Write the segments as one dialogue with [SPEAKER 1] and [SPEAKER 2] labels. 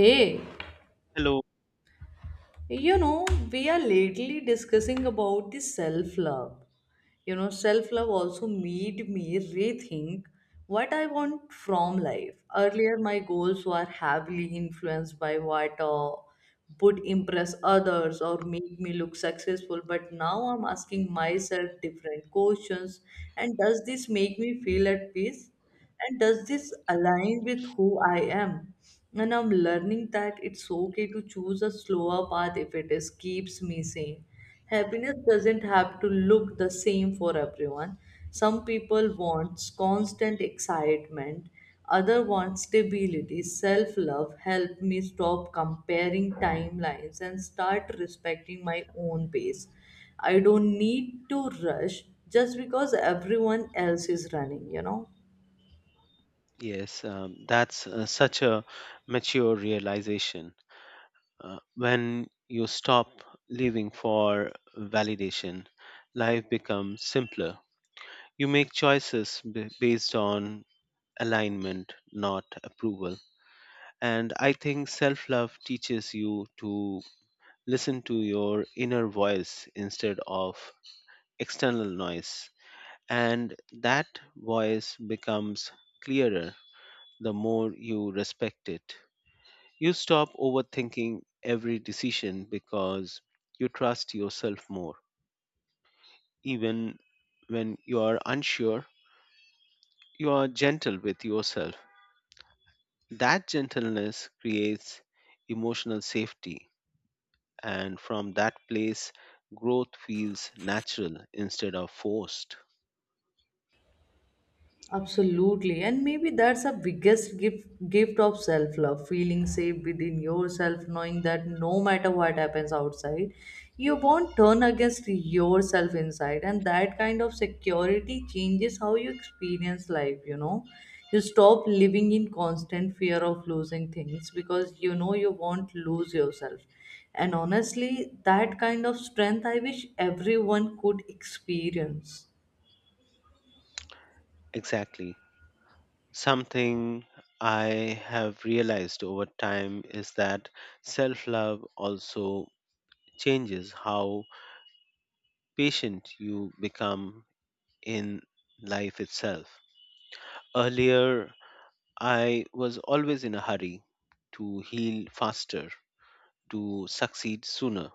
[SPEAKER 1] Hey,
[SPEAKER 2] Hello.
[SPEAKER 1] you know, we are lately discussing about the self love. You know, self love also made me rethink what I want from life. Earlier, my goals were heavily influenced by what would impress others or make me look successful, but now I'm asking myself different questions. And does this make me feel at peace? And does this align with who I am? And I'm learning that it's okay to choose a slower path if it is keeps me sane. Happiness doesn't have to look the same for everyone. Some people want constant excitement, other want stability. Self-love helped me stop comparing timelines and start respecting my own pace. I don't need to rush just because everyone else is running, you know.
[SPEAKER 2] Yes, that's such a mature realization. When you stop living for validation, life becomes simpler. You make choices based on alignment, not approval. And I think self love teaches you to listen to your inner voice instead of external noise. And that voice becomes clearer the more you respect it. You stop overthinking every decision because you trust yourself more. Even when you are unsure, you are gentle with yourself. That gentleness creates emotional safety, and from that place, growth feels natural instead of forced.
[SPEAKER 1] Absolutely, and maybe that's the biggest gift of self love, feeling safe within yourself, knowing that no matter what happens outside, you won't turn against yourself inside, and that kind of security changes how you experience life. You know, you stop living in constant fear of losing things because you know you won't lose yourself. And honestly, that kind of strength I wish everyone could experience.
[SPEAKER 2] Exactly. Something I have realized over time is that self love also changes how patient you become in life itself. Earlier, I was always in a hurry to heal faster, to succeed sooner,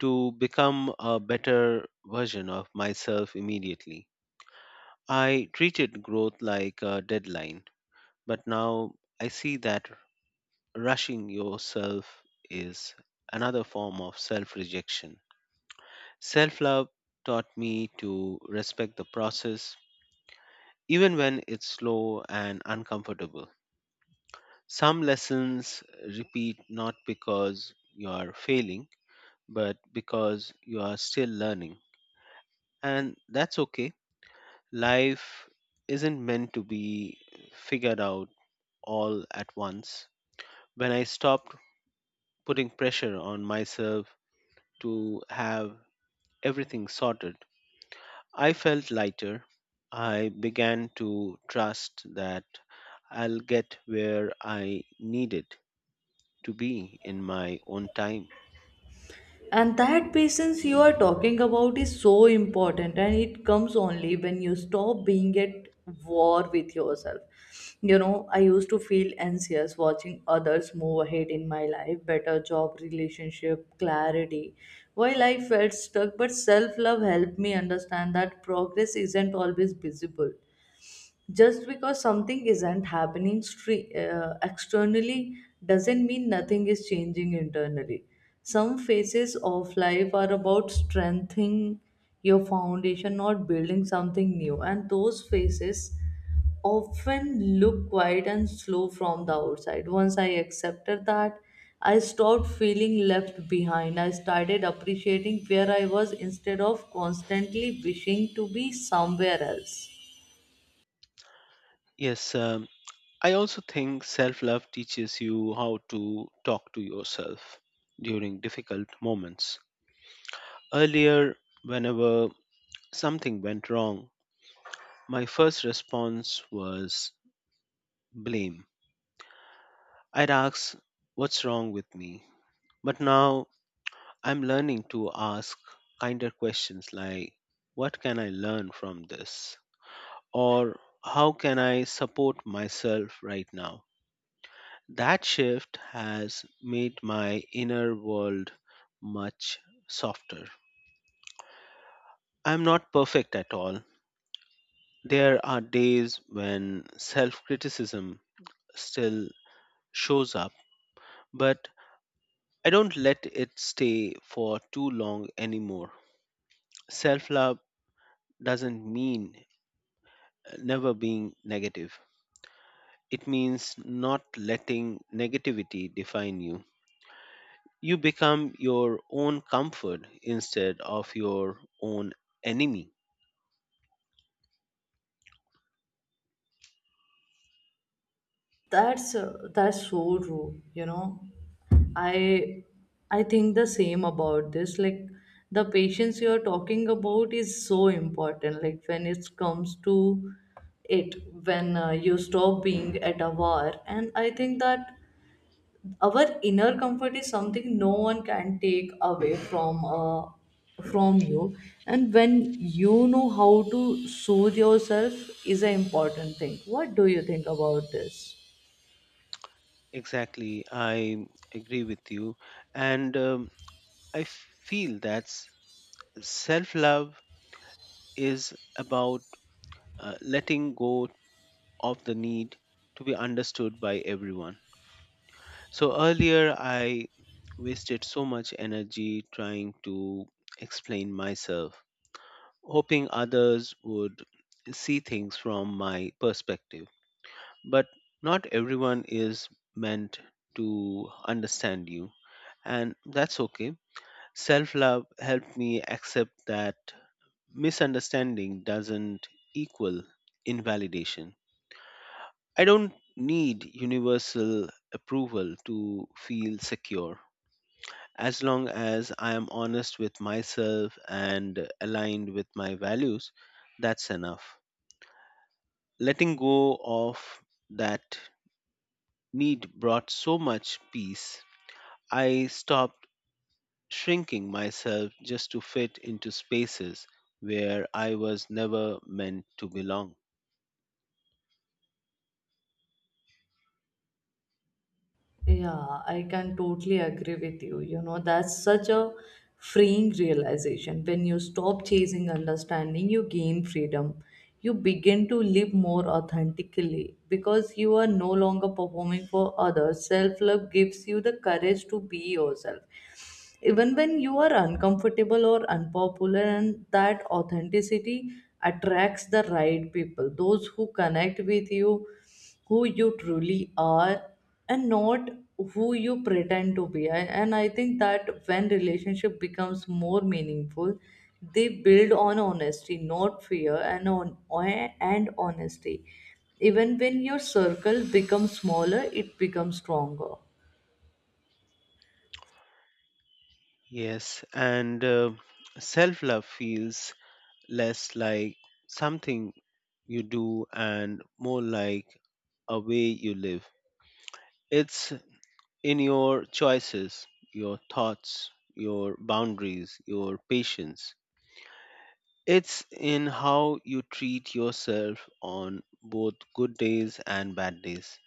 [SPEAKER 2] to become a better version of myself immediately. I treated growth like a deadline, but now I see that rushing yourself is another form of self rejection. Self love taught me to respect the process, even when it's slow and uncomfortable. Some lessons repeat not because you are failing, but because you are still learning. And that's okay. Life isn't meant to be figured out all at once. When I stopped putting pressure on myself to have everything sorted, I felt lighter. I began to trust that I'll get where I needed to be in my own time.
[SPEAKER 1] And that patience you are talking about is so important, and it comes only when you stop being at war with yourself. You know, I used to feel anxious watching others move ahead in my life, better job, relationship clarity, while I felt stuck, but self love helped me understand that progress isn't always visible. Just because something isn't happening externally doesn't mean nothing is changing internally. Some phases of life are about strengthening your foundation, not building something new, and those phases often look quiet and slow from the outside. Once I accepted that, I stopped feeling left behind. I started appreciating where I was instead of constantly wishing to be somewhere else.
[SPEAKER 2] Yes, um, I also think self love teaches you how to talk to yourself during difficult moments. Earlier, whenever something went wrong, my first response was blame. I'd ask, "What's wrong with me?" But now I'm learning to ask kinder questions like, "What can I learn from this?" Or "how can I support myself right now?" That shift has made my inner world much softer. I'm not perfect at all. There are days when self criticism still shows up, but I don't let it stay for too long anymore. Self love doesn't mean never being negative, it means not letting negativity define you. You become your own comfort instead of your own enemy.
[SPEAKER 1] That's so true. You know, I I think the same about this. Like the patience you're talking about is so important. Like when it comes to it, when you stop being at a war, and I think that our inner comfort is something no one can take away from you. And when you know how to soothe yourself is an important thing. What do you think about this?
[SPEAKER 2] Exactly, I agree with you. And I feel that self love is about letting go of the need to be understood by everyone. So earlier, I wasted so much energy trying to explain myself, hoping others would see things from my perspective. But not everyone is meant to understand you, and that's okay. Self love helped me accept that misunderstanding doesn't equal invalidation. I don't need universal approval to feel secure. As long as I am honest with myself and aligned with my values, that's enough. Letting go of that need brought so much peace. I stopped shrinking myself just to fit into spaces where I was never meant to belong.
[SPEAKER 1] Yeah, I can totally agree with you. You know, that's such a freeing realization. When you stop chasing understanding, you gain freedom. You begin to live more authentically because you are no longer performing for others. Self love gives you the courage to be yourself even when you are uncomfortable or unpopular, and that authenticity attracts the right people, those who connect with you, who you truly are and not who you pretend to be. And I think that when relationship becomes more meaningful, they build on honesty, not fear, and honesty, even when your circle becomes smaller, it becomes stronger.
[SPEAKER 2] Yes, and self love feels less like something you do and more like a way you live. It's in your choices, your thoughts, your boundaries, your patience. It's in how you treat yourself on both good days and bad days.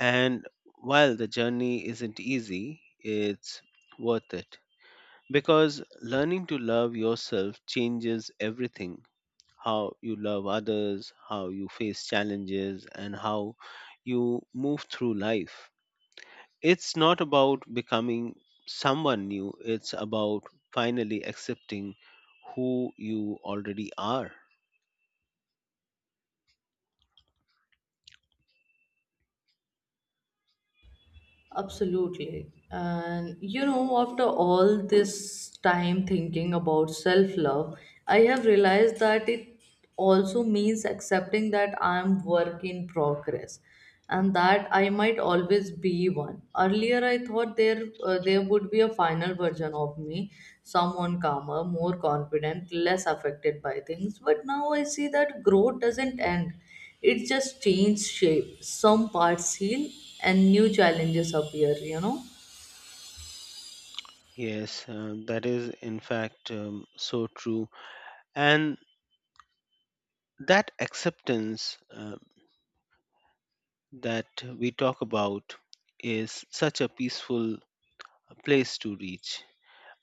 [SPEAKER 2] And while the journey isn't easy, it's worth it because learning to love yourself changes everything, how you love others, how you face challenges, and how you move through life. It's not about becoming someone new, it's about finally accepting who you already are.
[SPEAKER 1] Absolutely. And you know, after all this time thinking about self love, I have realized that it also means accepting that I'm work in progress and that I might always be one. Earlier, I thought there would be a final version of me, someone calmer, more confident, less affected by things. But now I see that growth doesn't end, it just changed shape. Some parts heal and new challenges appear, you know.
[SPEAKER 2] Yes, that is in fact so true. And that acceptance that we talk about is such a peaceful place to reach.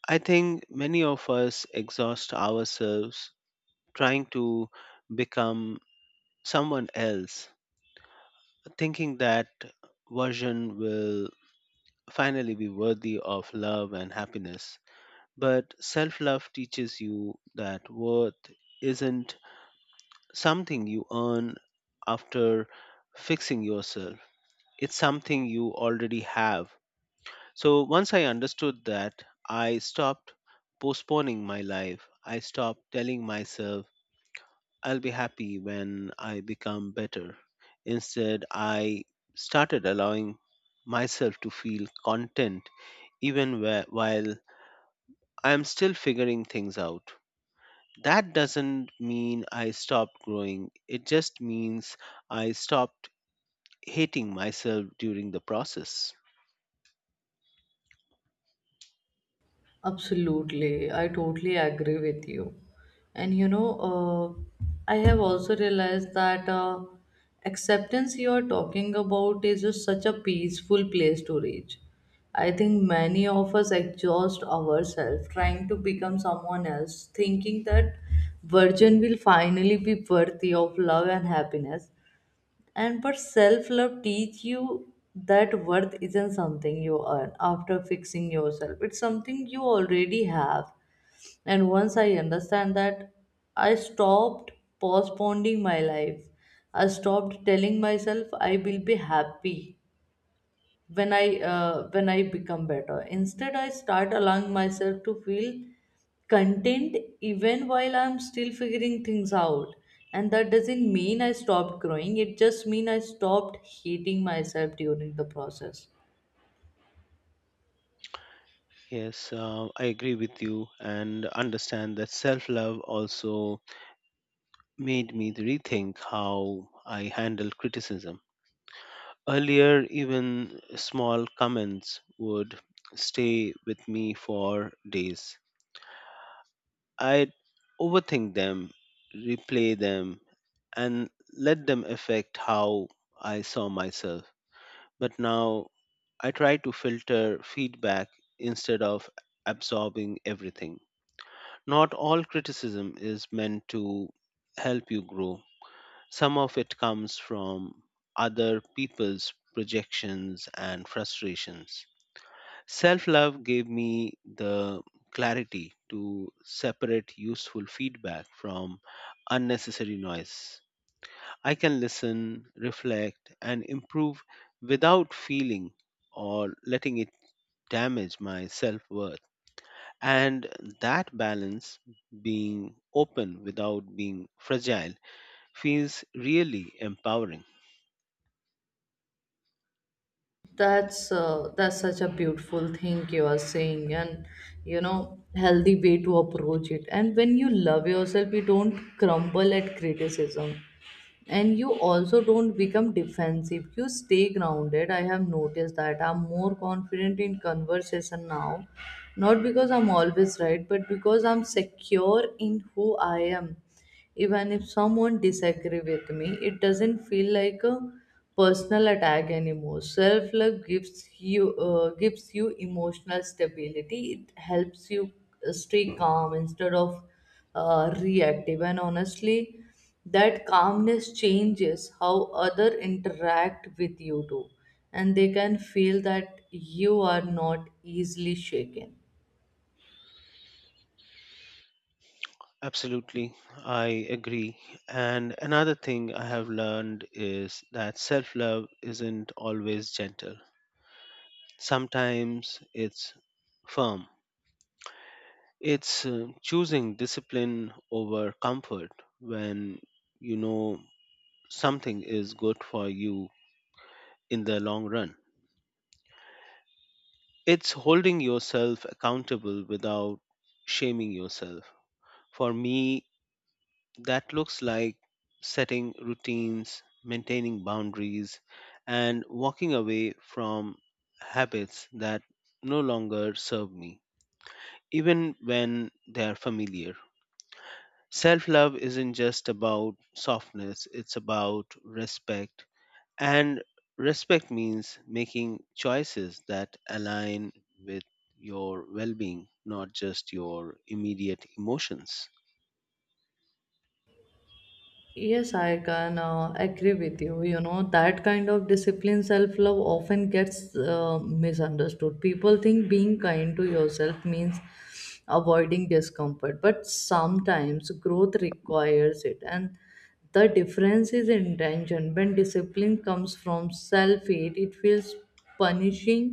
[SPEAKER 2] I think many of us exhaust ourselves trying to become someone else, thinking that version will finally be worthy of love and happiness. But self love teaches you that worth isn't something you earn after fixing yourself, it's something you already have. So once I understood that, I stopped postponing my life. I stopped telling myself, "I'll be happy when I become better." Instead, I started allowing myself to feel content while I'm still figuring things out. That doesn't mean I stopped growing, it just means I stopped hating myself during the process.
[SPEAKER 1] Absolutely. I totally agree with you. And you know, I have also realized that acceptance you are talking about is just such a peaceful place to reach. I think many of us exhaust ourselves trying to become someone else, thinking that virgin will finally be worthy of love and happiness. And but self love teach you that worth isn't something you earn after fixing yourself. It's something you already have. And once I understand that, I stopped postponing my life. I stopped telling myself I will be happy when I become better. Instead, I start allowing myself to feel content even while I'm still figuring things out. And that doesn't mean I stopped growing. It just means I stopped hating myself during the process.
[SPEAKER 2] Yes, I agree with you and understand that self love also made me rethink how I handle criticism. Earlier, even small comments would stay with me for days. I'd overthink them, replay them, and let them affect how I saw myself. But now I try to filter feedback instead of absorbing everything. Not all criticism is meant to help you grow. Some of it comes from other people's projections and frustrations. Self love gave me the clarity to separate useful feedback from unnecessary noise. I can listen, reflect, and improve without feeling or letting it damage my self worth. And that balance, being open without being fragile, feels really empowering.
[SPEAKER 1] That's such a beautiful thing you are saying, and you know, healthy way to approach it. And when you love yourself, you don't crumble at criticism, and you also don't become defensive, you stay grounded. I have noticed that I'm more confident in conversation now, not because I'm always right, but because I'm secure in who I am. Even if someone disagree with me, it doesn't feel like a personal attack anymore. Self love gives you emotional stability. It helps you stay calm instead of reactive, and honestly, that calmness changes how other interact with you too, and they can feel that you are not easily shaken.
[SPEAKER 2] Absolutely, I agree. And another thing I have learned is that self love isn't always gentle, sometimes it's firm. It's choosing discipline over comfort when you know something is good for you in the long run. It's holding yourself accountable without shaming yourself. For me, that looks like setting routines, maintaining boundaries, and walking away from habits that no longer serve me, even when they are familiar. Self love isn't just about softness, it's about respect, and respect means making choices that align with your well being, not just your immediate emotions.
[SPEAKER 1] Yes, I can agree with you. You know, that kind of discipline, self love often gets misunderstood. People think being kind to yourself means avoiding discomfort, but sometimes growth requires it. And the difference is intention. When discipline comes from self hate, it feels punishing.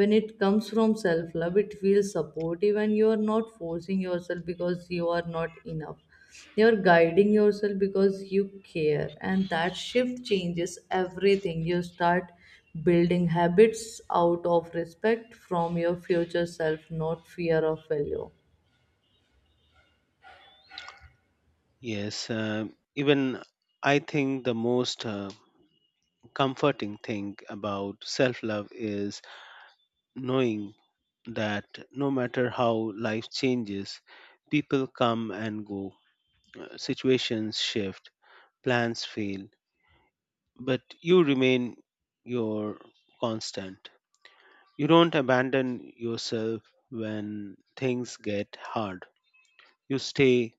[SPEAKER 1] When it comes from self love, it feels supportive, and you are not forcing yourself because you are not enough. You are guiding yourself because you care, and that shift changes everything. You start building habits out of respect from your future self, not fear of failure.
[SPEAKER 2] Yes, um, even I think the most comforting thing about self love is knowing that no matter how life changes, people come and go, situations shift, plans fail, but you remain your constant. You don't abandon yourself when things get hard. You stay,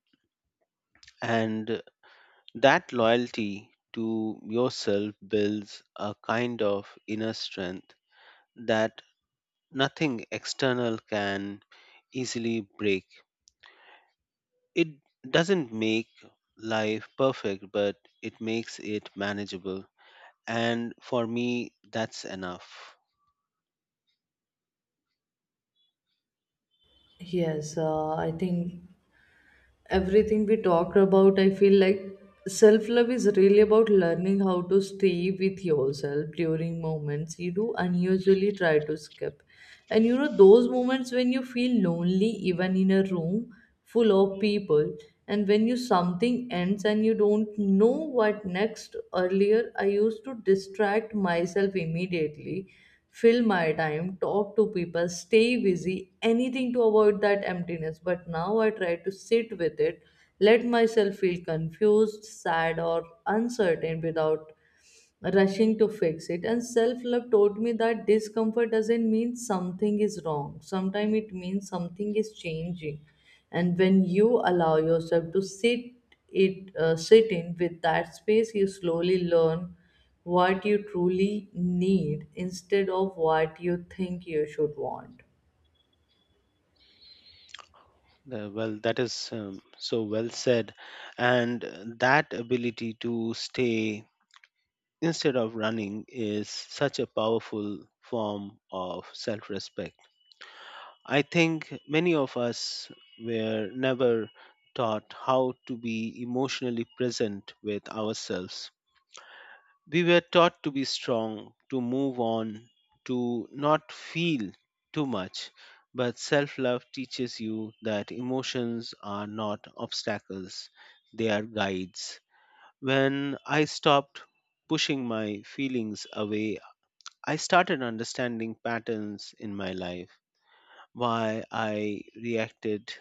[SPEAKER 2] and that loyalty to yourself builds a kind of inner strength that nothing external can easily break. It doesn't make life perfect, but it makes it manageable. And for me, that's enough.
[SPEAKER 1] Yes, I think everything we talked about, I feel like self love is really about learning how to stay with yourself during moments you do unusually try to skip. And you know, those moments when you feel lonely, even in a room full of people, and when you something ends and you don't know what next. Earlier I used to distract myself immediately, fill my time, talk to people, stay busy, anything to avoid that emptiness. But now I try to sit with it, let myself feel confused, sad, or uncertain without rushing to fix it. And self love taught me that discomfort doesn't mean something is wrong, sometimes it means something is changing. And when you allow yourself to sit in with that space, you slowly learn what you truly need instead of what you think you should want.
[SPEAKER 2] Well, that is so well said. And that ability to stay instead of running is such a powerful form of self respect. I think many of us were never taught how to be emotionally present with ourselves. We were taught to be strong, to move on, to not feel too much. But self love teaches you that emotions are not obstacles, they are guides. When I stopped pushing my feelings away, I started understanding patterns in my life, why I reacted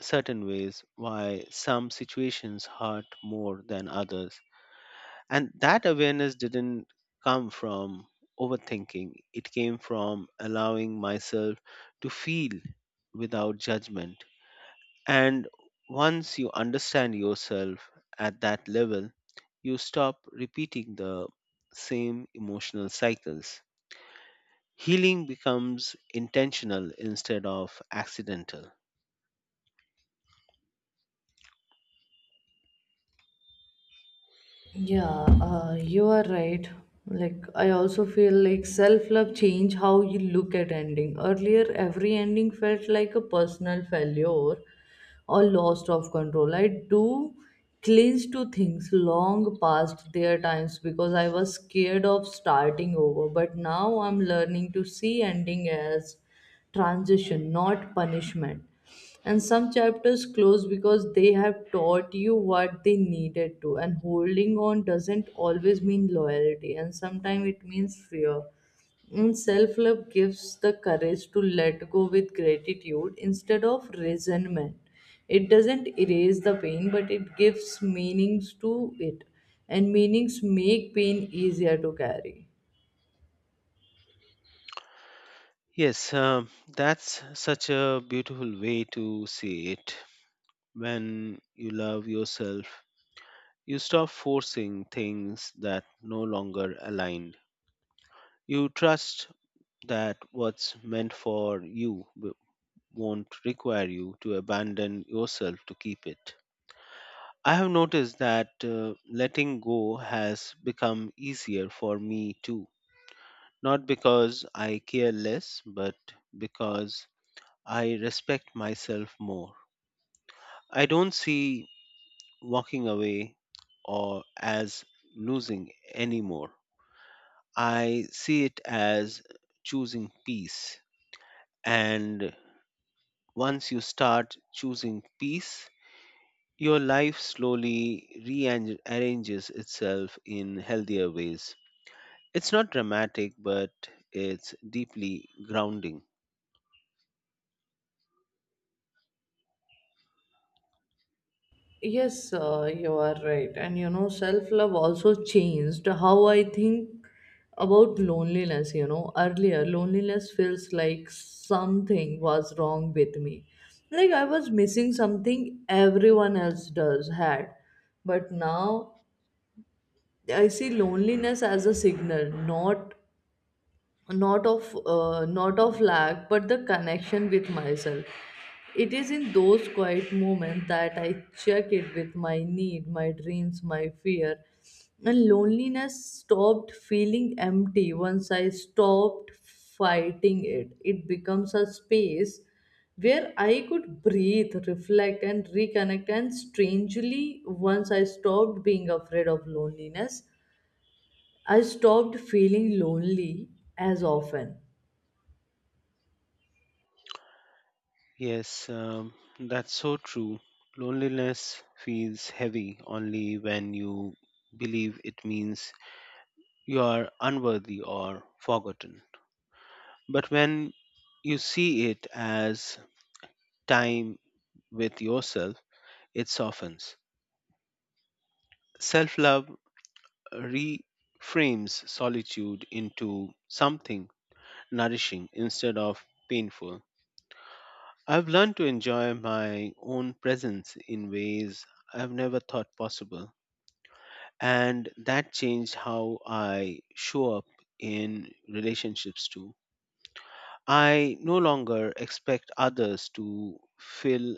[SPEAKER 2] certain ways, why some situations hurt more than others, and that awareness didn't come from overthinking, it came from allowing myself to feel without judgment. And once you understand yourself at that level, you stop repeating the same emotional cycles. Healing becomes intentional instead of accidental.
[SPEAKER 1] Yeah, you are right. Like, I also feel like self love change how you look at ending. Earlier, every ending felt like a personal failure, or lost of control. I do cling to things long past their times because I was scared of starting over. But now I'm learning to see ending as transition, not punishment. And some chapters close because they have taught you what they needed to. And holding on doesn't always mean loyalty, and sometimes it means fear. Self-love gives the courage to let go with gratitude instead of resentment. It doesn't erase the pain, but it gives meanings to it, and meanings make pain easier to carry.
[SPEAKER 2] Yes, that's such a beautiful way to see it. When you love yourself, you stop forcing things that no longer align. You trust that what's meant for you won't require you to abandon yourself to keep it. I have noticed that letting go has become easier for me too. Not because I care less, but because I respect myself more. I don't see walking away or as losing anymore. I see it as choosing peace. And once you start choosing peace, your life slowly rearranges itself in healthier ways. It's not dramatic, but it's deeply grounding.
[SPEAKER 1] Yes, you are right. And you know, self love also changed how I think about loneliness. You know, earlier, loneliness feels like something was wrong with me. Like I was missing something everyone else does had. But now I see loneliness as a signal, not of lack but the connection with myself. It is in those quiet moments that I check it with my need, my dreams, my fear. And loneliness stopped feeling empty once I stopped fighting it. It becomes a space where I could breathe, reflect, and reconnect. And strangely, once I stopped being afraid of loneliness, I stopped feeling lonely as often.
[SPEAKER 2] Yes, um, that's so true. Loneliness feels heavy only when you believe it means you are unworthy or forgotten. But when you see it as time with yourself, it softens. Self love reframes solitude into something nourishing instead of painful. I've learned to enjoy my own presence in ways I've never thought possible, and that changed how I show up in relationships too. I no longer expect others to fill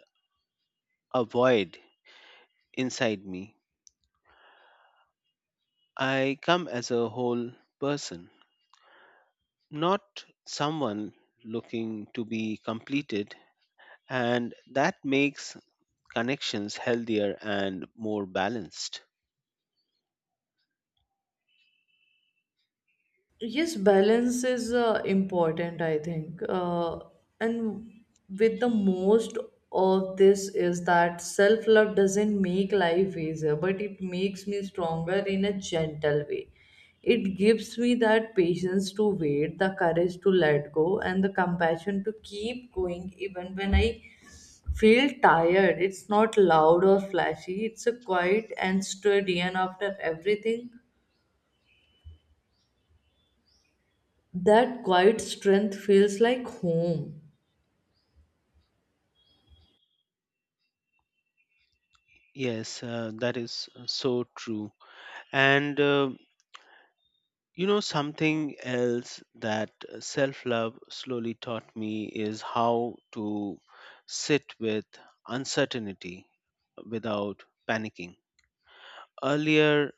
[SPEAKER 2] a void inside me. I come as a whole person, not someone looking to be completed, and that makes connections healthier and more balanced.
[SPEAKER 1] Yes, balance is important, I think. And with the most of this is that self love doesn't make life easier, but it makes me stronger in a gentle way. It gives me that patience to wait, the courage to let go, and the compassion to keep going even when I feel tired. It's not loud or flashy, it's a quiet and steady, and after everything that quiet strength feels like home.
[SPEAKER 2] Yes, that is so true. And you know, something else that self love slowly taught me is how to sit with uncertainty without panicking. Earlier,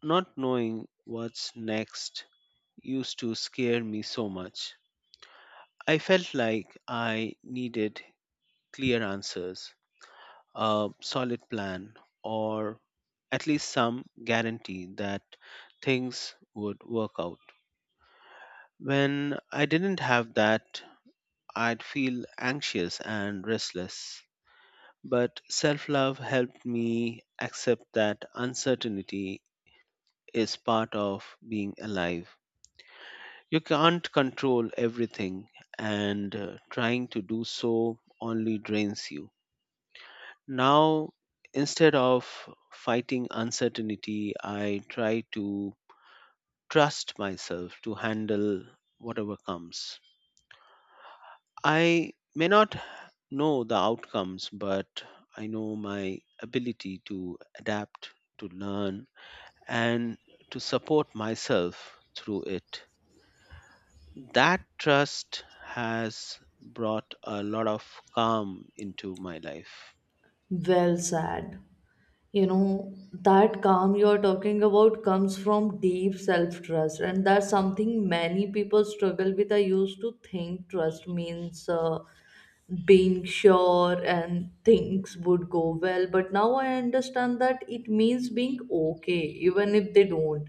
[SPEAKER 2] not knowing what's next used to scare me so much. I felt like I needed clear answers, a solid plan, or at least some guarantee that things would work out. When I didn't have that, I'd feel anxious and restless. But self love helped me accept that uncertainty is part of being alive. You can't control everything, and trying to do so only drains you. Now, instead of fighting uncertainty, I try to trust myself to handle whatever comes. I may not know the outcomes, but I know my ability to adapt, to learn, and to support myself through it. That trust has brought a lot of calm into my life.
[SPEAKER 1] Well said. You know, that calm you're talking about comes from deep self trust, and that's something many people struggle with. I used to think trust means being sure and things would go well, but now I understand that it means being okay even if they don't.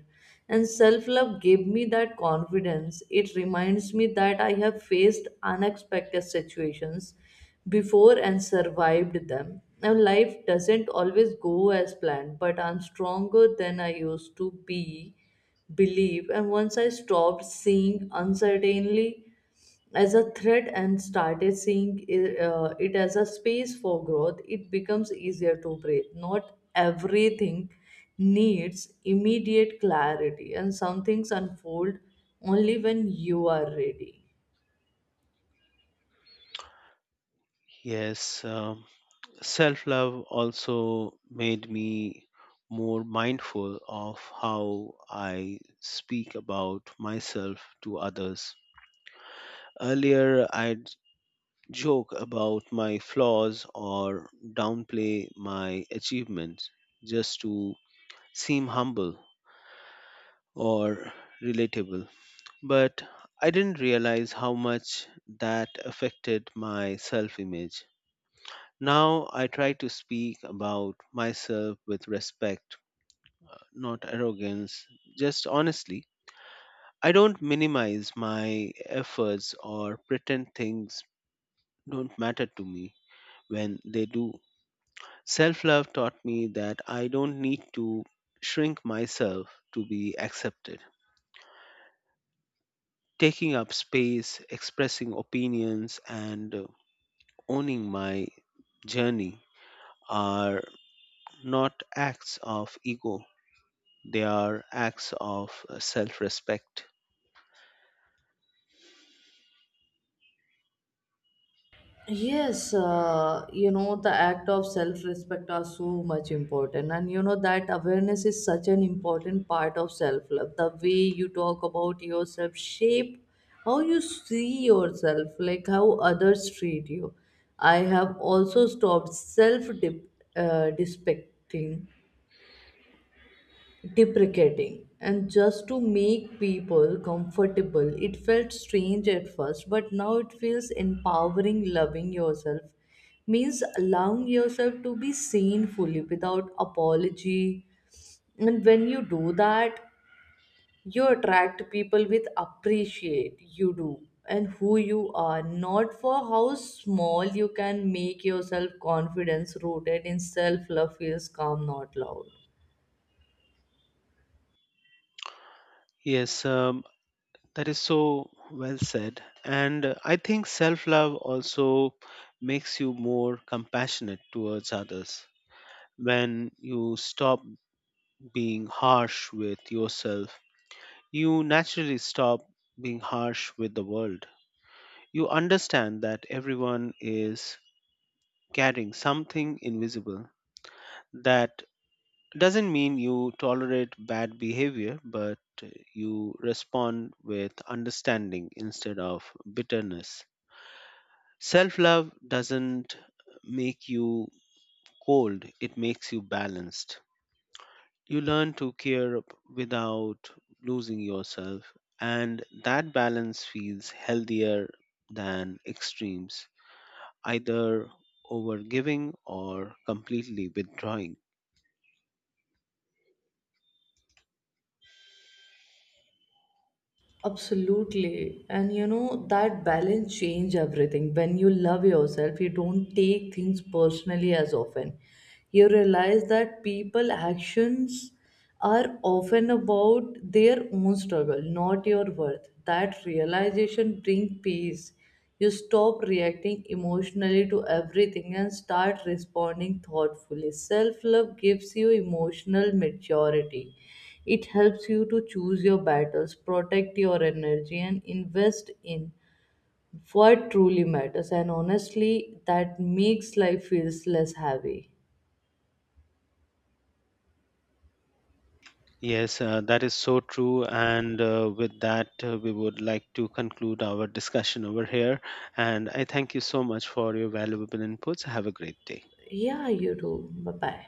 [SPEAKER 1] And self love gave me that confidence. It reminds me that I have faced unexpected situations before and survived them. Now life doesn't always go as planned, but I'm stronger than I used to be believe. And once I stopped seeing uncertainly as a threat and started seeing it as a space for growth, it becomes easier to breathe. Not everything needs immediate clarity, and some things unfold only when you are ready.
[SPEAKER 2] Yes, self love also made me more mindful of how I speak about myself to others. Earlier, I'd joke about my flaws or downplay my achievements just to seem humble or relatable. But I didn't realize how much that affected my self image. Now I try to speak about myself with respect, not arrogance, just honestly. I don't minimize my efforts or pretend things don't matter to me when they do. Self love taught me that I don't need to shrink myself to be accepted. Taking up space, expressing opinions, and owning my journey are not acts of ego, they are acts of self respect.
[SPEAKER 1] Yes, you know, the act of self respect are so much important, and you know that awareness is such an important part of self love. The way you talk about yourself shape how you see yourself, like how others treat you. I have also stopped self dip, despecting deprecating and just to make people comfortable. It felt strange at first, but now it feels empowering. Loving yourself means allowing yourself to be seen fully without apology, and when you do that, you attract people with appreciate you do and who you are, not for how small you can make yourself. Confidence rooted in self love feels calm, not loud.
[SPEAKER 2] Yes, that is so well said. And I think self love also makes you more compassionate towards others. When you stop being harsh with yourself, you naturally stop being harsh with the world. You understand that everyone is carrying something invisible. That doesn't mean you tolerate bad behavior, but you respond with understanding instead of bitterness. Self love doesn't make you cold, it makes you balanced. You learn to care without losing yourself, and that balance feels healthier than extremes, either overgiving or completely withdrawing.
[SPEAKER 1] Absolutely. And you know, that balance change everything. When you love yourself, you don't take things personally as often. You realize that people actions are often about their own struggle, not your worth. That realization bring peace. You stop reacting emotionally to everything and start responding thoughtfully. Self love gives you emotional maturity. It helps you to choose your battles, protect your energy, and invest in what truly matters. And honestly, that makes life feels less heavy.
[SPEAKER 2] Yes, that is so true. And with that, we would like to conclude our discussion over here. And I thank you so much for your valuable inputs. Have a great day.
[SPEAKER 1] Yeah, you do. Bye bye.